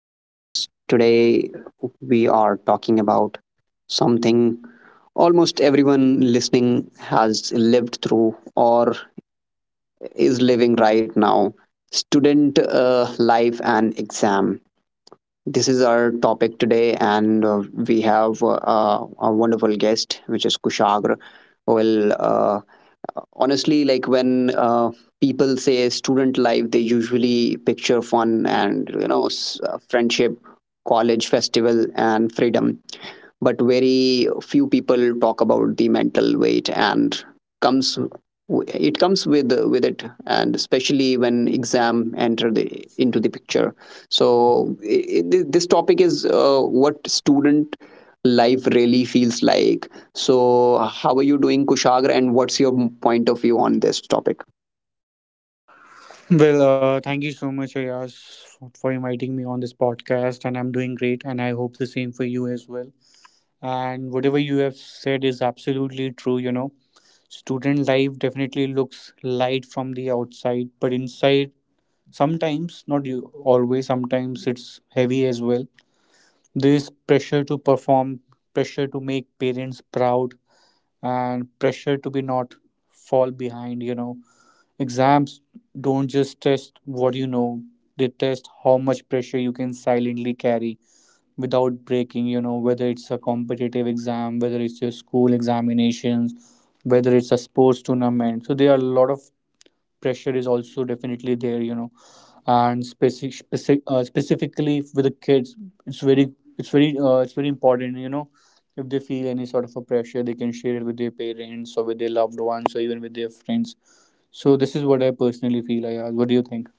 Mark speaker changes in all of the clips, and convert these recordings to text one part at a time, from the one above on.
Speaker 1: Matters. Today we are talking about something almost everyone listening has lived through or is living right now student life and exam. This is our topic today, and we have a wonderful guest, which is Kushagra, who will honestly like when people say student life they usually picture fun and you know friendship, college festival and freedom, but very few people talk about the mental weight and comes it comes with it, and especially when exam enter the into the picture. So this topic is what student life really feels like. So, how are you doing, Kushagra, and what's your point of view on this topic?
Speaker 2: Well, thank you so much, Ayaz, for inviting me on this podcast. And I'm doing great, and I hope the same for you as well. And whatever you have said is absolutely true. You know, student life definitely looks light from the outside, but inside, sometimes, not you, always, sometimes it's heavy as well. There's pressure to perform, pressure to make parents proud, and pressure to be not fall behind, you know. Exams don't just test what you know, they test how much pressure you can silently carry without breaking, you know, whether it's a competitive exam, whether it's your school examinations, whether it's a sports tournament. So there are a lot of pressure is also definitely there, you know, and specifically with the kids, it's very important, you know. If they feel any sort of a pressure, they can share it with their parents or with their loved ones or even with their friends. So this is what I personally feel. I ask, what do you think?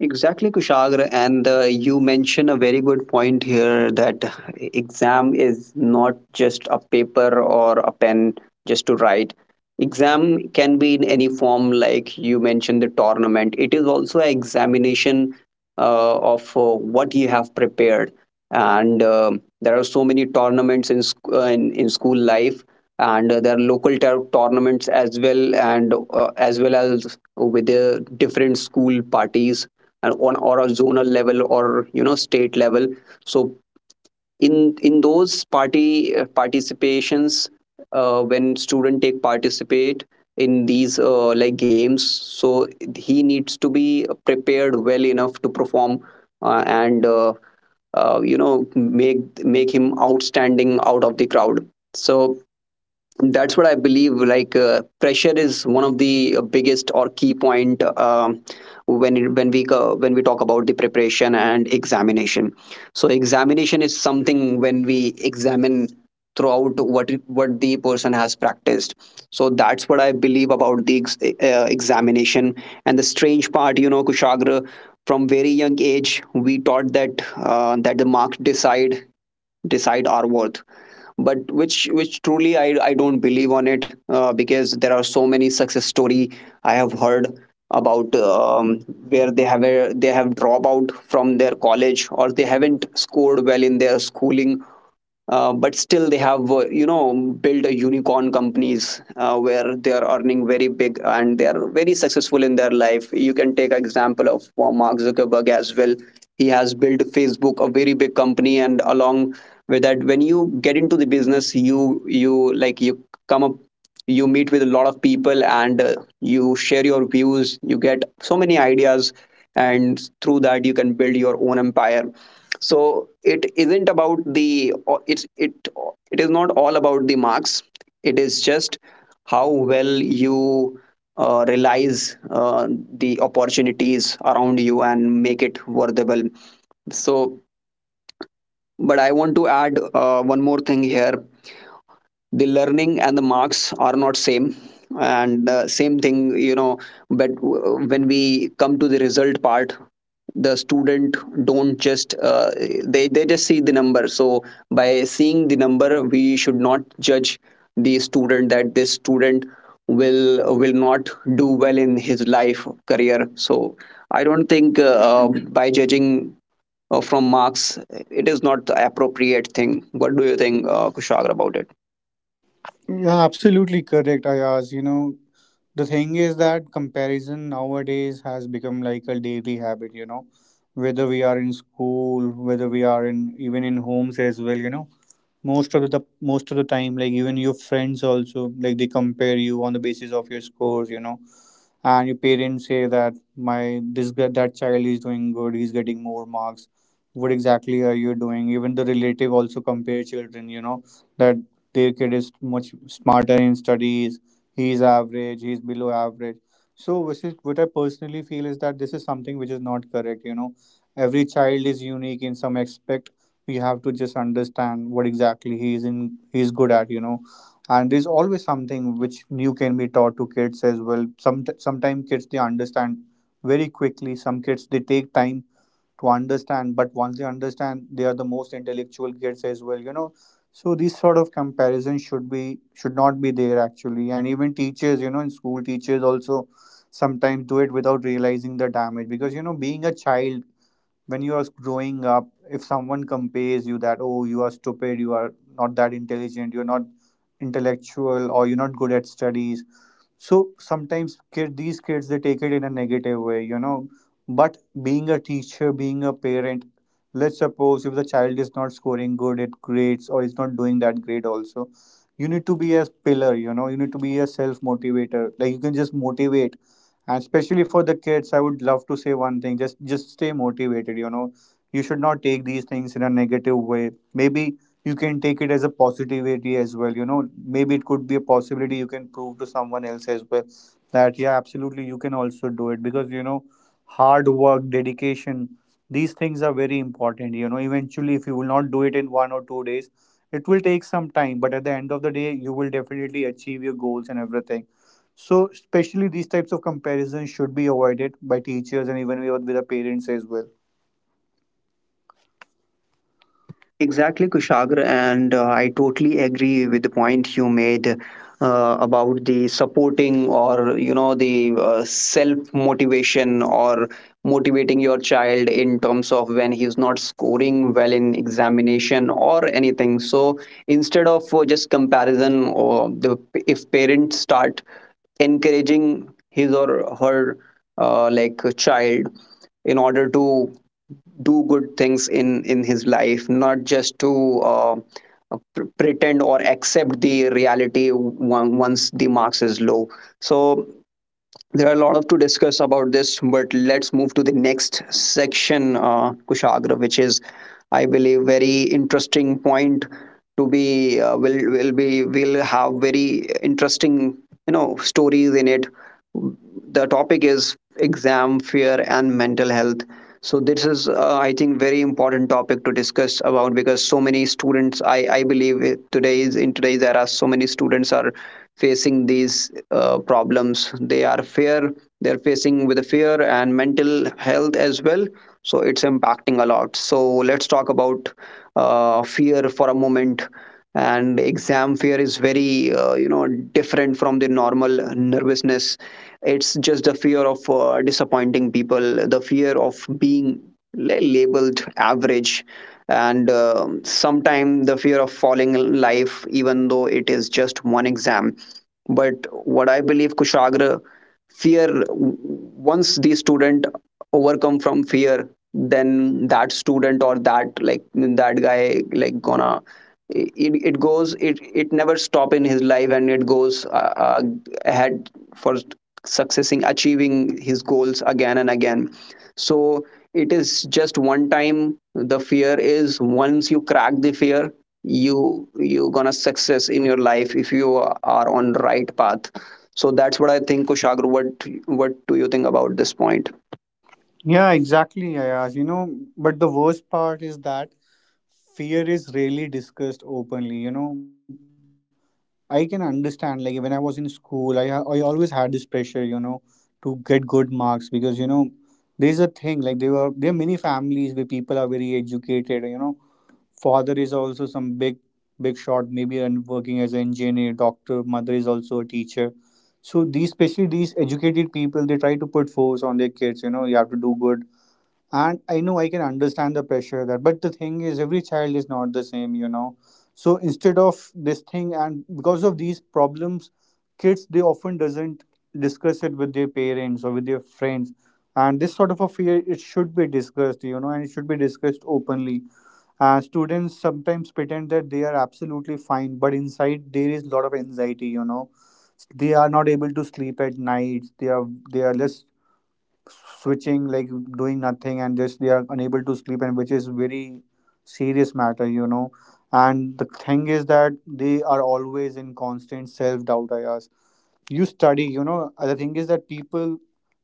Speaker 1: Exactly, Kushagra. And you mention a very good point here that exam is not just a paper or a pen just to write. Exam can be in any form, like you mentioned the tournament. It is also an examination of what you have prepared. And there are so many tournaments in school life. And there are local tournaments as well, and as well as with the different school parties and on or a zonal level or you know state level. So in in those party participations, when student take participate in these like games, so he needs to be prepared well enough to perform, and you know, make him outstanding out of the crowd. So that's what I believe, like pressure is one of the biggest or key point, when it, when we go, when we talk about the preparation and examination. So examination is something when we examine throughout what the person has practiced. So that's what I believe about the examination. And the strange part, you know, Kushagra, from very young age we taught that the marks decide our worth, but which truly I don't believe on it, because there are so many success story I have heard about, where they have they have drop out from their college or they haven't scored well in their schooling, but still they have, you know, built a unicorn companies, where they are earning very big and they are very successful in their life. You can take an example of Mark Zuckerberg as well. He has built Facebook, a very big company. And along with that, when you get into the business, you come up, you meet with a lot of people, and you share your views, you get so many ideas, and through that you can build your own empire. So it isn't about the it's it it is not all about the marks. It is just how well you realize the opportunities around you and make it worthwhile. So but I want to add one more thing here. The learning and the marks are not same, and same thing, you know. But when we come to the result part, the student don't just, they just see the number. So by seeing the number we should not judge the student that this student will not do well in his life career. So I don't think, by judging from marks, it is not the appropriate thing. What do you think, Kushagra, about it?
Speaker 2: Yeah, absolutely correct, Ayaz. You know, the thing is that comparison nowadays has become like a daily habit, you know, whether we are in school, whether we are in even in homes as well, you know. Most of the time, like, even your friends also, like, they compare you on the basis of your scores, you know, and your parents say that my this guy, that child is doing good, he's getting more marks, what exactly are you doing? Even the relative also compare children, you know, that their kid is much smarter in studies, he's average, he's below average. So which is what I personally feel is that this is something which is not correct, you know. Every child is unique in some aspect. We have to just understand what exactly he is in, he is good at, you know. And there's always something which new can be taught to kids as well. Sometimes kids, they understand very quickly. Some kids they take time to understand, but once they understand, they are the most intellectual kids as well, you know. So these sort of comparison should be should not be there actually. And even teachers, you know, in school teachers also sometimes do it without realizing the damage, because, you know, being a child, when you are growing up, if someone compares you that, oh, you are stupid, you are not that intelligent, you're not intellectual, or you're not good at studies, so sometimes kid, these kids, they take it in a negative way, you know. But being a teacher, being a parent, let's suppose if the child is not scoring good at grades or is not doing that grade also, you need to be a pillar, you know. You need to be a self motivator, like, you can just motivate. And especially for the kids, I would love to say one thing: just stay motivated, you know. You should not take these things in a negative way. Maybe you can take it as a positivity as well, you know. Maybe it could be a possibility, you can prove to someone else as well, that yeah, absolutely, you can also do it. Because, you know, hard work, dedication, these things are very important, you know. Eventually, if you will not do it in 1 or 2 days, it will take some time, but at the end of the day, you will definitely achieve your goals and everything. So especially these types of comparisons should be avoided by teachers and even with the parents as well.
Speaker 1: Exactly, Kushagra, and I totally agree with the point you made about the supporting, or you know, the self motivation or motivating your child in terms of when he's not scoring well in examination or anything. So instead of just comparison, or the if parents start encouraging his or her like child in order to do good things in his life, not just to pretend or accept the reality once the marks is low. So there are a lot of to discuss about this, but let's move to the next section, Kushagra, which is, I believe, very interesting point to be, will have very interesting, you know, stories in it. The topic is exam fear and mental health. So this is, I think, very important topic to discuss about because so many students, I believe, today is in today's era, so many students are facing these problems. They are fear, they're facing with the fear and mental health as well. So it's impacting a lot. So let's talk about fear for a moment. And exam fear is very, you know, different from the normal nervousness. It's just the fear of disappointing people, the fear of being labeled average, and sometimes the fear of falling in life, even though it is just one exam. But what I believe, Kushagra, fear, once the student overcome from fear, then that student or that like that guy like gonna, it goes it it never stop in his life and it goes ahead for successing achieving his goals again and again. So it is just one time the fear is, once you crack the fear, you gonna success in your life if you are on the right path. So that's what I think, Kushagru. What do you think about this point?
Speaker 2: Yeah, exactly, Ayaz. You know, but the worst part is that fear is rarely discussed openly. You know, I can understand, like, when I was in school, I always had this pressure, you know, to get good marks, because, you know, there's a thing, like, there were there are many families where people are very educated, you know, father is also some big, big shot, maybe, and working as an engineer, doctor, mother is also a teacher. So these, especially these educated people, they try to put force on their kids. You know, you have to do good. And I know, I can understand the pressure, that, but the thing is, every child is not the same, you know. So, instead of this thing, and because of these problems, kids, they often doesn't discuss it with their parents or with their friends. And this sort of a fear, it should be discussed, you know, and it should be discussed openly. Students sometimes pretend that they are absolutely fine, but inside there is a lot of anxiety, you know. They are not able to sleep at night. They are less switching, like, doing nothing, and just they are unable to sleep, and which is very serious matter, you know. And the thing is that they are always in constant self doubt. I ask, you study, you know, the thing is that people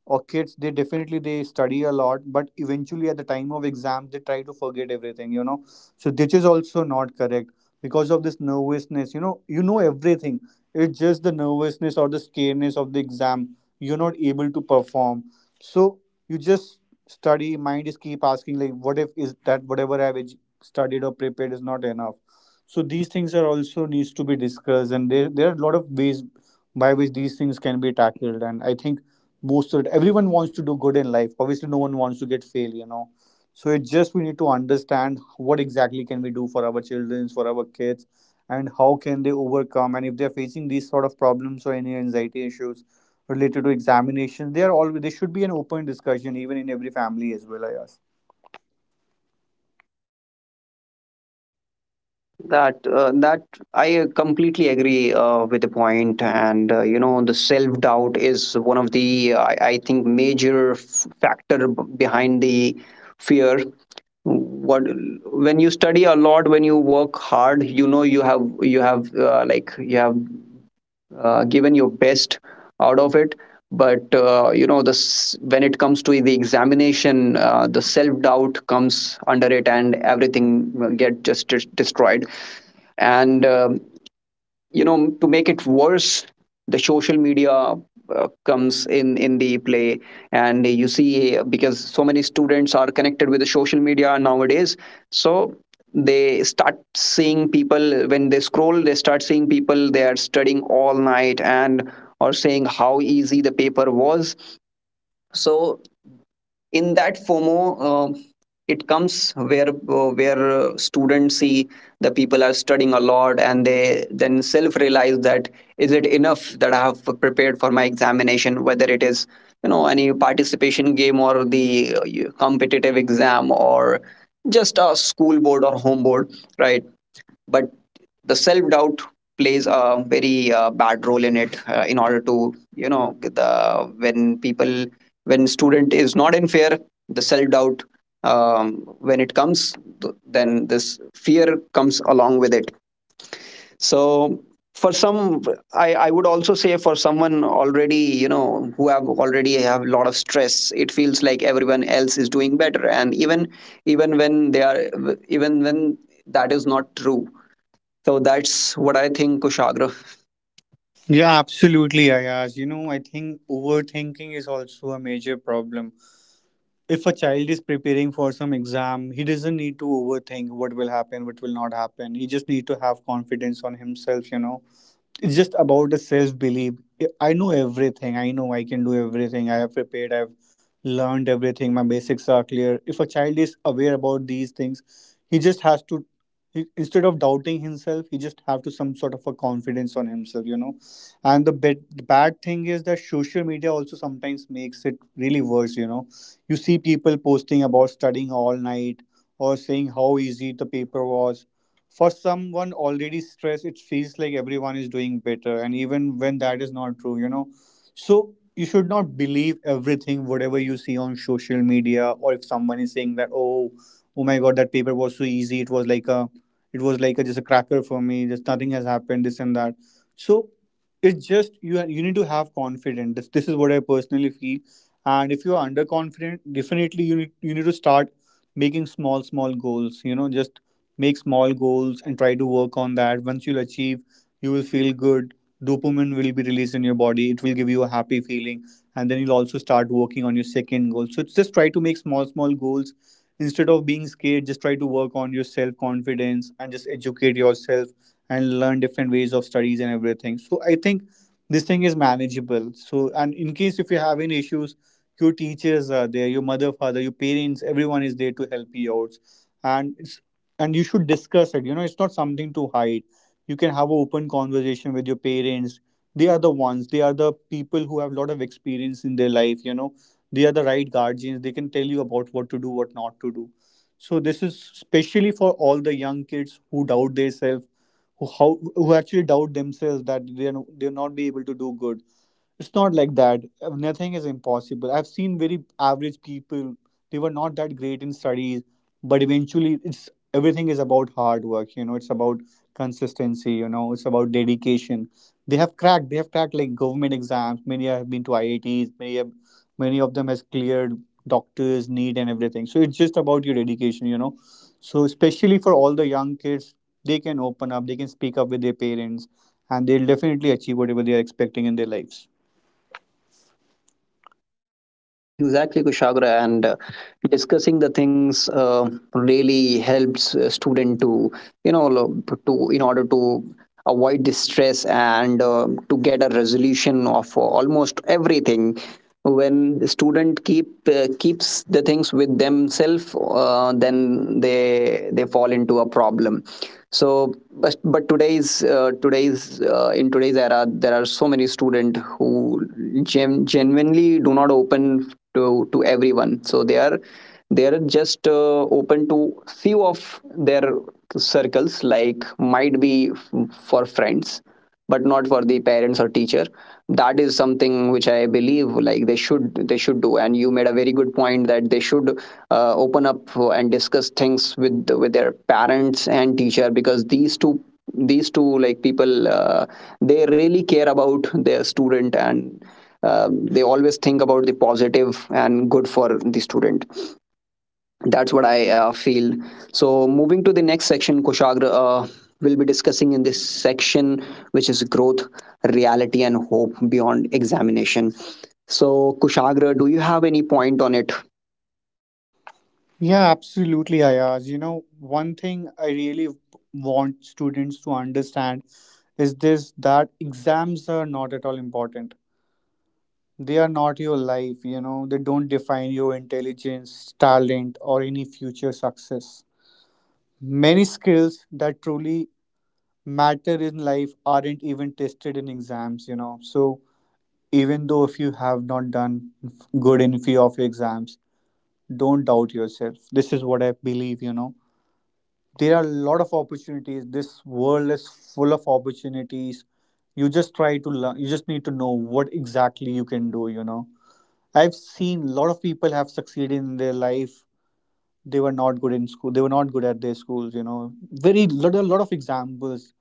Speaker 2: or kids, they definitely, they study a lot, but eventually at the time of exam, they try to forget everything, you know. So this is also not correct, because of this nervousness, you know, you know everything, it's just the nervousness or the scaredness of the exam, you're not able to perform. So you just study, mind is keep asking, like, what if is that, whatever studied or prepared is not enough? So these things are also needs to be discussed, and there are a lot of ways by which these things can be tackled. And I think most of it, everyone wants to do good in life. Obviously, no one wants to get fail, you know. So it just, we need to understand what exactly can we do for our children, for our kids, and how can they overcome. And if they're facing these sort of problems or any anxiety issues related to examinations, they are always there should be an open discussion even in every family as well, Ayaz.
Speaker 1: That that I completely agree with the point. And you know, the self doubt is one of the, I think, major factor behind the fear. What, when you study a lot, when you work hard, you know, you have given your best out of it. But you know, this, when it comes to the examination, the self doubt comes under it and everything get just destroyed. And you know, to make it worse, the social media comes in the play. And you see, because so many students are connected with the social media nowadays. So they start seeing people when they scroll, they start seeing people they are studying all night and are saying how easy the paper was. So in that FOMO, it comes where, students see the people are studying a lot, and they then self realize that is it enough that I have prepared for my examination, whether it is, you know, any participation game or the competitive exam or just a school board or home board, right? But the self doubt plays a very bad role in it, in order to, you know, the when people, when student is not in fear, the self doubt, um, when it comes, then this fear comes along with it. So for some, I would also say, for someone already, you know, who have already have a lot of stress, it feels like everyone else is doing better, and even when they are even when that is not true. So that's what I think, Kushagra.
Speaker 2: Yeah, absolutely, Ayaz. You know, I think overthinking is also a major problem. If a child is preparing for some exam, he doesn't need to overthink what will happen, what will not happen. He just need to have confidence on himself, you know. It's just about the self belief. I know everything, I know I can do everything, I have prepared, I've learned everything, my basics are clear. If a child is aware about these things, he just has to, he, instead of doubting himself, he just have to some sort of a confidence on himself, you know. And the bad thing is that social media also sometimes makes it really worse, you know. You see people posting about studying all night, or saying how easy the paper was. For someone already stressed, it feels like everyone is doing better, and even when that is not true, you know. So you should not believe everything, whatever you see on social media, or if someone is saying that, oh, oh my god, that paper was so easy, it was like a, it was like a, just a cracker for me, just nothing has happened, this and that. So it's just you you need to have confidence. This is what I personally feel, and if you are underconfident, definitely you need, you need to start making small small goals. You know, just make small goals and try to work on that. Once you'll achieve, you will feel good, dopamine will be released in your body, it will give you a happy feeling, and then you'll also start working on your second goal. So just try to make small small goals, instead of being scared, just try to work on your self confidence and just educate yourself and learn different ways of studies and everything. So I think this thing is manageable. So, and in case if you're having issues, your teachers are there, your mother, father, your parents, everyone is there to help you out. And it's, and you should discuss it, you know. It's not something to hide. You can have an open conversation with your parents. They are the ones, they are the people who have a lot of experience in their life, you know. They are the right guardians. They can tell you about what to do, what not to do. So this is especially for all the young kids who doubt themselves, who how, who actually doubt themselves, that they are they'll not be able to do good. It's not like that. Nothing is impossible. I've seen very average people. They were not that great in studies, but eventually, it's everything is about hard work. You know, it's about consistency. You know, it's about dedication. They have cracked. They have cracked like government exams. Many have been to IITs. Many have, many of them has cleared doctors, need, and everything. So it's just about your dedication. You know, so especially for all the young kids, they can open up. They can speak up with their parents, and they'll definitely achieve whatever they are expecting in their lives.
Speaker 1: Exactly, Kushagra. And discussing the things really helps a student to, you know lo- to, in order to avoid the stress and to get a resolution of almost everything. When the student keeps the things with themselves, then they fall into a problem. So but today's today's in today's era, there are so many students who genuinely do not open to everyone. So they are, they are just open to few of their circles, like might be for friends, but not for the parents or teacher. That is something which I believe like they should, they should do. And you made a very good point that they should open up and discuss things with their parents and teacher, because these two, people, they really care about their student, and they always think about the positive and good for the student. That's what I feel. So moving to the next section, Kushagra, will be discussing in this section, which is growth, reality, and hope beyond examination. So Kushagra, do you have any point on it?
Speaker 2: Yeah, absolutely, Ayaz. You know, one thing I really want students to understand is this, that exams are not at all important. They are not your life, you know. They don't define your intelligence, talent, or any future success. Many skills that truly matter in life aren't even tested in exams, you know. So, even though if you have not done good in few of your exams, don't doubt yourself. This is what I believe, you know. There are a lot of opportunities. This world is full of opportunities. You just try to learn, you just need to know what exactly you can do, you know. I've seen a lot of people have succeeded in their life. They were not good in school, they were not good at their schools, you know. A lot of examples.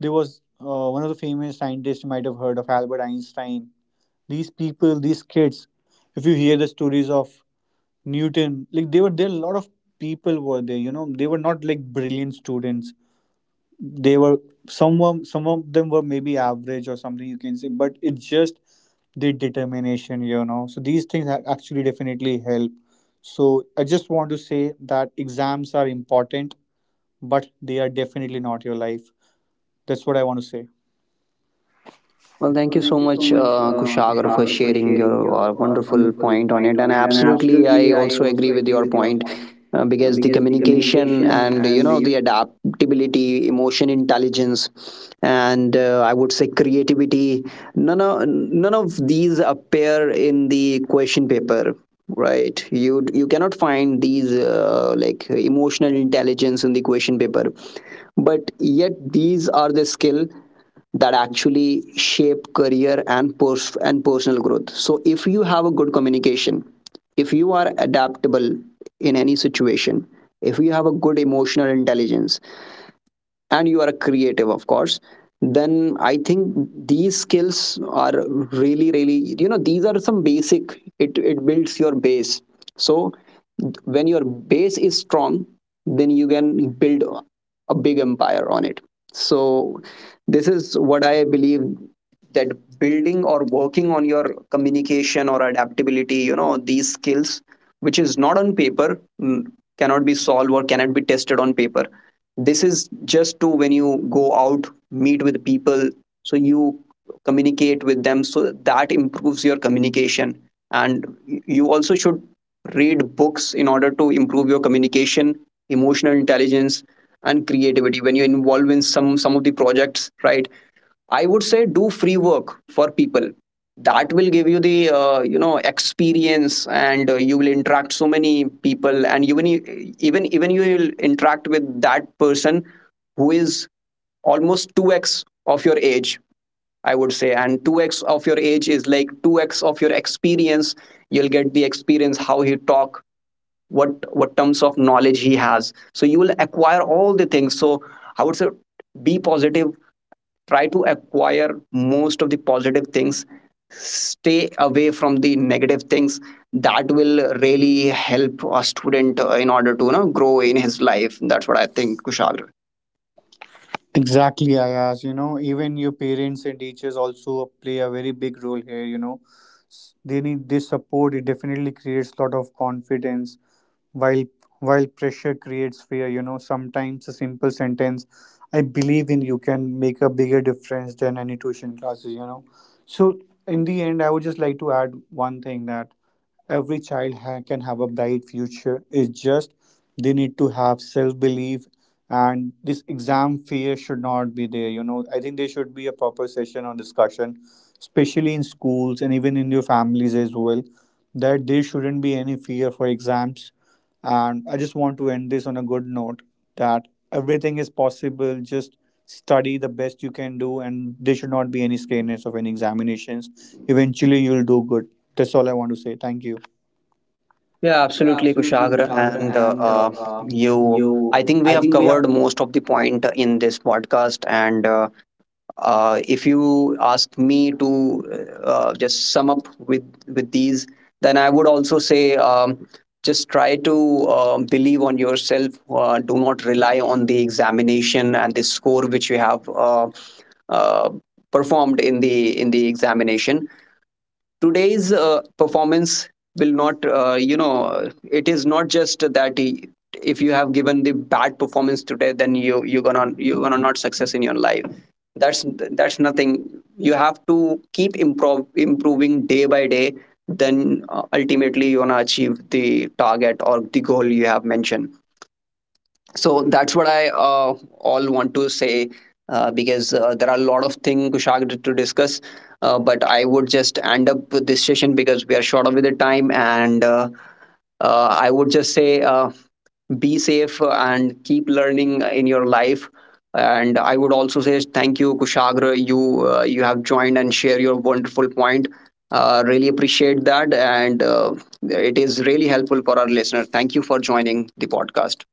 Speaker 2: There was one of the famous scientists you might have heard of, Albert Einstein. These people, these kids, if you hear the stories of Newton, like, they were, there a lot of people were there, you know. They were not like brilliant students. They were, some of, some of them were maybe average or something, you can say, but it's just the determination, you know. So these things actually definitely help. So I just want to say that exams are important, but they are definitely not your life. That's what I want to say.
Speaker 1: Well, thank
Speaker 2: Well,
Speaker 1: you so
Speaker 2: thank you so
Speaker 1: much,
Speaker 2: much,
Speaker 1: Kushagar, for
Speaker 2: Kushagra, for
Speaker 1: sharing
Speaker 2: sharing
Speaker 1: your
Speaker 2: your
Speaker 1: wonderful
Speaker 2: wonderful
Speaker 1: point on
Speaker 2: point
Speaker 1: it. And
Speaker 2: on it. And
Speaker 1: absolutely, I
Speaker 2: absolutely, I
Speaker 1: also
Speaker 2: also
Speaker 1: agree with
Speaker 2: agree
Speaker 1: your
Speaker 2: with your
Speaker 1: point,
Speaker 2: point
Speaker 1: because the
Speaker 2: because the
Speaker 1: communication
Speaker 2: communication
Speaker 1: and,
Speaker 2: and,
Speaker 1: you know,
Speaker 2: you
Speaker 1: the
Speaker 2: know, the adapt.
Speaker 1: adaptability, emotion intelligence, and I would say creativity. None of these appear in the question paper. Right, you cannot find these like emotional intelligence in the question paper, but yet these are the skill that actually shape career and post and personal growth. So if you have a good communication, if you are adaptable in any situation, if you have a good emotional intelligence, and you are a creative, of course, then I think these skills are really really, you know, these are some basic, it builds your base. So when your base is strong, then you can build a big empire on it. So this is what I believe, that building or working on your communication or adaptability, you know, these skills, which is not on paper, mm, cannot be solved or cannot be tested on paper. This is just to, when you go out meet with people, so you communicate with them, so that improves your communication. And you also should read books in order to improve your communication, emotional intelligence, and creativity, when you involve in some of the projects, right? I would say, do free work for people. That will give you the, you know, experience, and you will interact so many people, and even you will interact with that person who is almost two x of your age. I would say, and 2x of your age is like 2x of your experience. You'll get the experience how he talk, what terms of knowledge he has. So you will acquire all the things. So I would say, be positive, try to acquire most of the positive things, stay away from the negative things. That will really help a student, in order to, you know, grow in his life. That's what I think, Kushagra.
Speaker 2: Exactly, Ayaz. You know, even your parents and teachers also play a very big role here. You know, they need this support. It definitely creates lot of confidence. While while pressure creates fear, you know, sometimes a simple sentence, "I believe in you," can make a bigger difference than any tuition classes. You know, so in the end, I would just like to add one thing, that every child can have a bright future. It's just, they need to have self belief, and this exam fear should not be there. You know, I think there should be a proper session or discussion, especially in schools and even in your families as well, that there shouldn't be any fear for exams. And I just want to end this on a good note, that everything is possible. Just study the best you can do, and there should not be any scariness of any examinations. Eventually, you'll do good. That's all I want to say. Thank you.
Speaker 1: Yeah,
Speaker 2: Yeah,
Speaker 1: absolutely,
Speaker 2: absolutely,
Speaker 1: Kushagra.
Speaker 2: Kushagra.
Speaker 1: And
Speaker 2: And
Speaker 1: you
Speaker 2: you,
Speaker 1: I think we
Speaker 2: I
Speaker 1: have
Speaker 2: think we
Speaker 1: covered most of the point in this podcast. And if you ask me to, just sum up with these, then I would also say, just try to believe on yourself. Do not rely on the examination and the score which you have uh, performed in the examination. Today's performance will not, you know, it is not just that he, if you have given the bad performance today, then you're gonna not success in your life. that's that's nothing. You have to keep improving day by day. Then ultimately you want to achieve the target or the goal you have mentioned. So that's what I all want to say. Uh, because there are a lot of things, discuss, but I would just end up with this session because we are short of the time. And I would just say, be safe and keep learning in your life. And I would also say thank you, Kushagra. You have joined and share your wonderful point. Uh, really appreciate that. And it is really helpful for our listener. Thank you for joining the podcast.